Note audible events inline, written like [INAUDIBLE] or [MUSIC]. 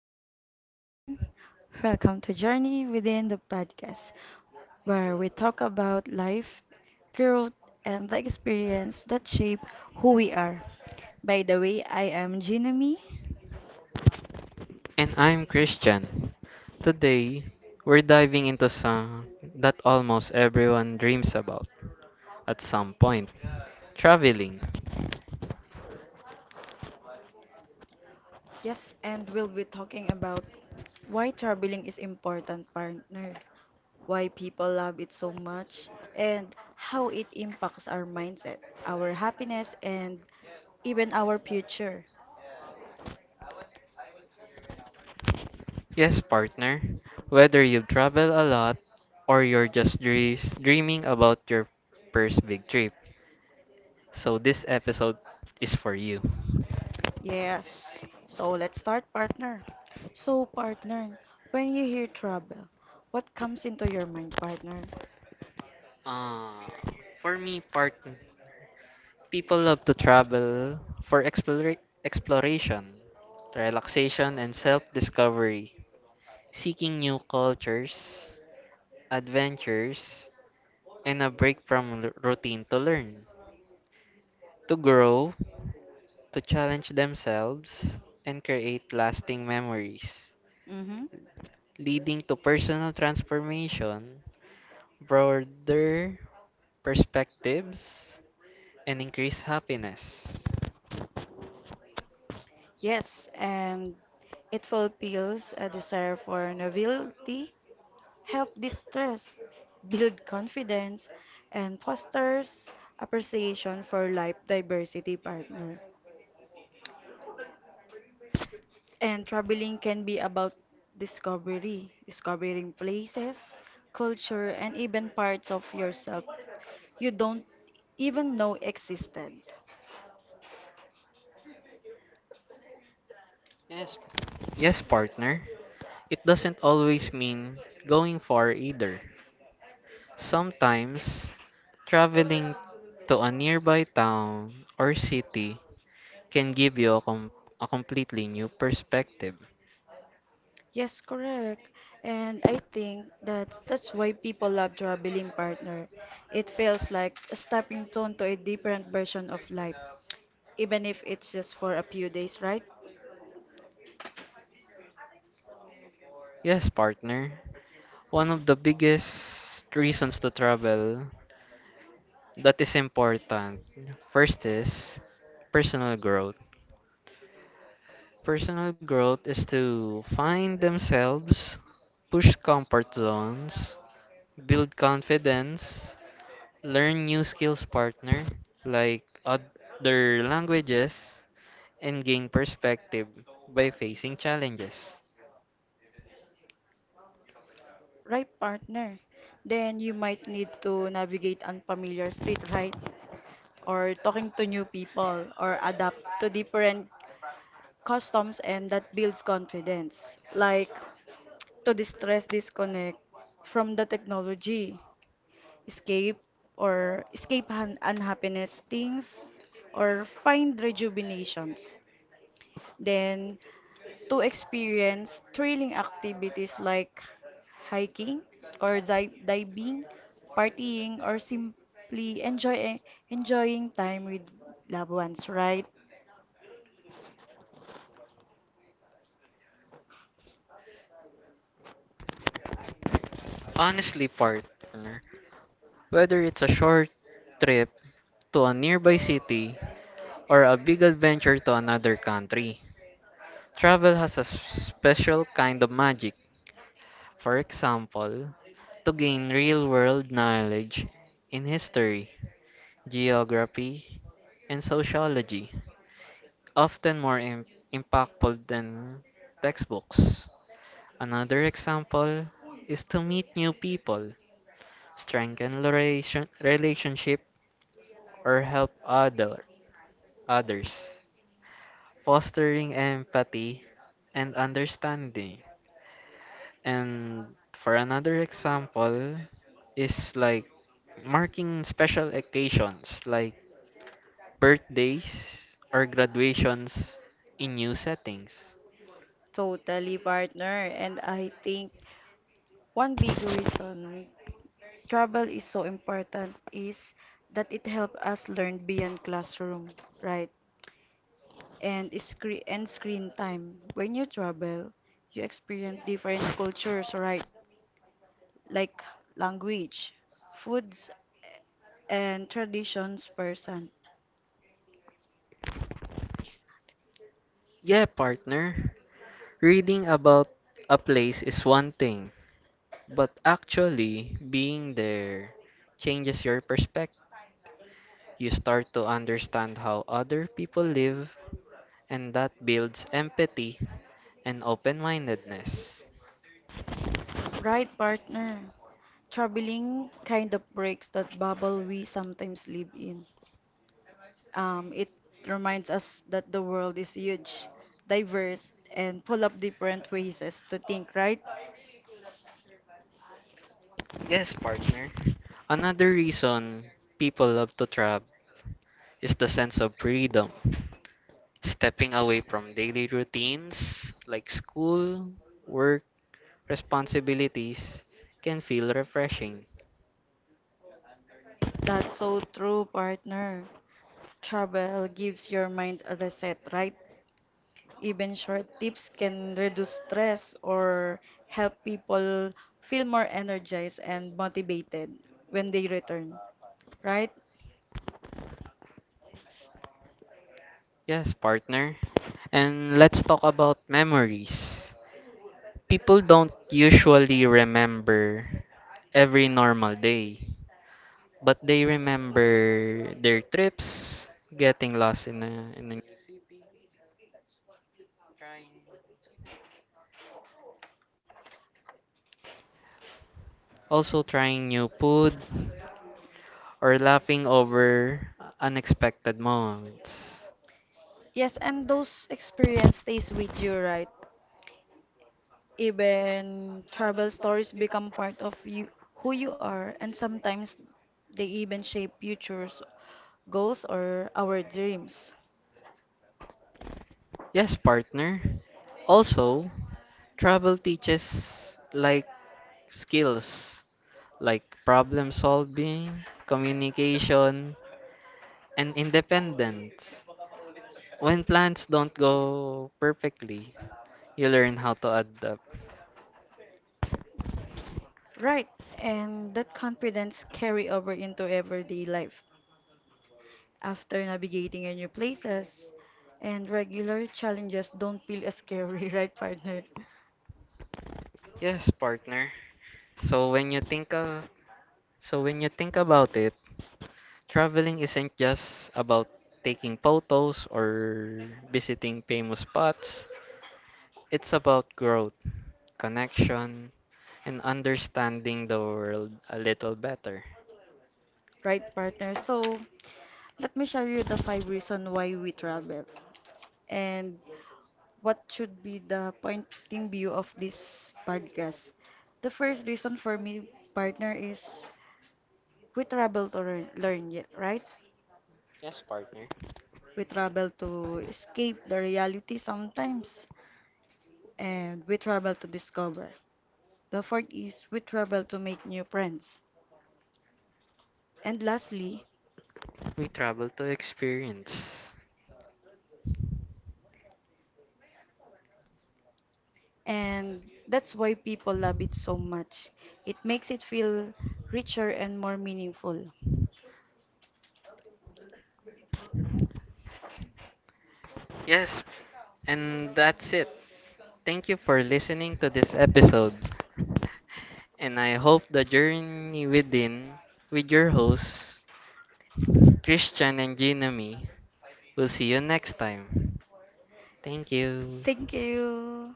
everyone! Welcome to Journey Within the Podcast, where we talk about life, growth, and the experience that shape who we are. By the way, I am Jinami. And I'm Christian. Today, we're diving into some that almost everyone dreams about at some point traveling. Yes, and we'll be talking about why traveling is important partner, why people love it so much, and how it impacts our mindset, our happiness, and even our future. Yes, partner, whether you travel a lot or you're just dreaming about your first big trip. So, this episode is for you. Yes. So let's start, partner. So, partner, when you hear trouble, what comes into your mind, partner? Uh, for me, partner, people love to travel for exploration, relaxation, and self discovery, seeking new cultures adventures, and a break from routine to learn, to grow, to challenge themselves, and create lasting memories, Mm-hmm. leading to personal transformation, broader perspectives, and increased happiness. Yes, and it fulfills a desire for novelty, help distress, build confidence, and fosters appreciation for life diversity, partner. And traveling can be about discovery, discovering places, culture, and even parts of yourself you don't even know existed. Yes, yes, partner. It doesn't always mean going far either. Sometimes traveling to a nearby town or city can give you a completely new perspective. Yes, correct. And I think that that's why people love traveling partner. It feels like a stepping stone to a different version of life, even if it's just for a few days, right? Yes, partner. One of the biggest reasons to travel that is important first is personal growth. Personal growth is to find themselves, push comfort zones, build confidence, learn new skills, partner, like other languages, and gain perspective by facing challenges. Right, partner. Then you might need to navigate unfamiliar street, right? Or talking to new people or adapt to different customs and that builds confidence. Like to distress, disconnect from the technology, escape or escape unhappiness things or find rejuvenations. Then to experience thrilling activities like hiking or diving, partying, or simply enjoying time with loved ones, right? Honestly, partner. Whether it's a short trip to a nearby city or a big adventure to another country, travel has a special kind of magic. For example, to gain real world knowledge in history, geography, and sociology, often more impactful than textbooks. Another example is to meet new people, strengthen relationship, or help other others, fostering empathy and understanding. And for another example is like marking special occasions like birthdays or graduations in new settings. Totally, partner. And I think one big reason travel is so important is that it helps us learn beyond classroom, right? And screen time. When you travel, you experience different cultures, right? Like language, foods, and traditions person. Yeah, partner, reading about a place is one thing, but actually being there changes your perspective. You start to understand how other people live, and that builds empathy and open mindedness. Right partner. Traveling kind of breaks that bubble we sometimes live in. It reminds us that the world is huge, diverse, and full of different ways as to think, right? Yes, partner. Another reason people love to travel is the sense of freedom. Stepping away from daily routines like school, work, responsibilities can feel refreshing. That's so true, partner. Travel gives your mind a reset, right? Even short tips can reduce stress or help people feel more energized and motivated when they return, right? Yes, partner. And let's talk about memories. People don't usually remember every normal day, but they remember their trips, getting lost also trying new food or laughing over unexpected moments. Yes, and those experience stays with you, right? Even travel stories become part of you who you are and sometimes they even shape futures goals or our dreams. Yes, partner. Also, travel teaches like skills like problem solving, communication, and independence. When plans don't go perfectly, you learn how to adapt. Right, and that confidence carry over into everyday life. After navigating your new places and regular challenges don't feel as scary, [LAUGHS] right partner? Yes, partner. So when you think of, so when you think about it, traveling isn't just about taking photos or visiting famous spots. It's about growth, connection, and understanding the world a little better. Right partner. So, let me share you the five reasons why we travel and what should be the pointing view of this podcast. The first reason for me, partner, is we travel to learn, learn yet, right? Yes, partner. We travel to escape the reality sometimes, and we travel to discover. The fourth is we travel to make new friends. And lastly, We travel to experience. and that's why people love it so much. It makes it feel richer and more meaningful. Yes, and that's it. Thank you for listening to this episode. And I hope the journey within with your hosts, Christian and Ginami, will see you next time. Thank you. Thank you.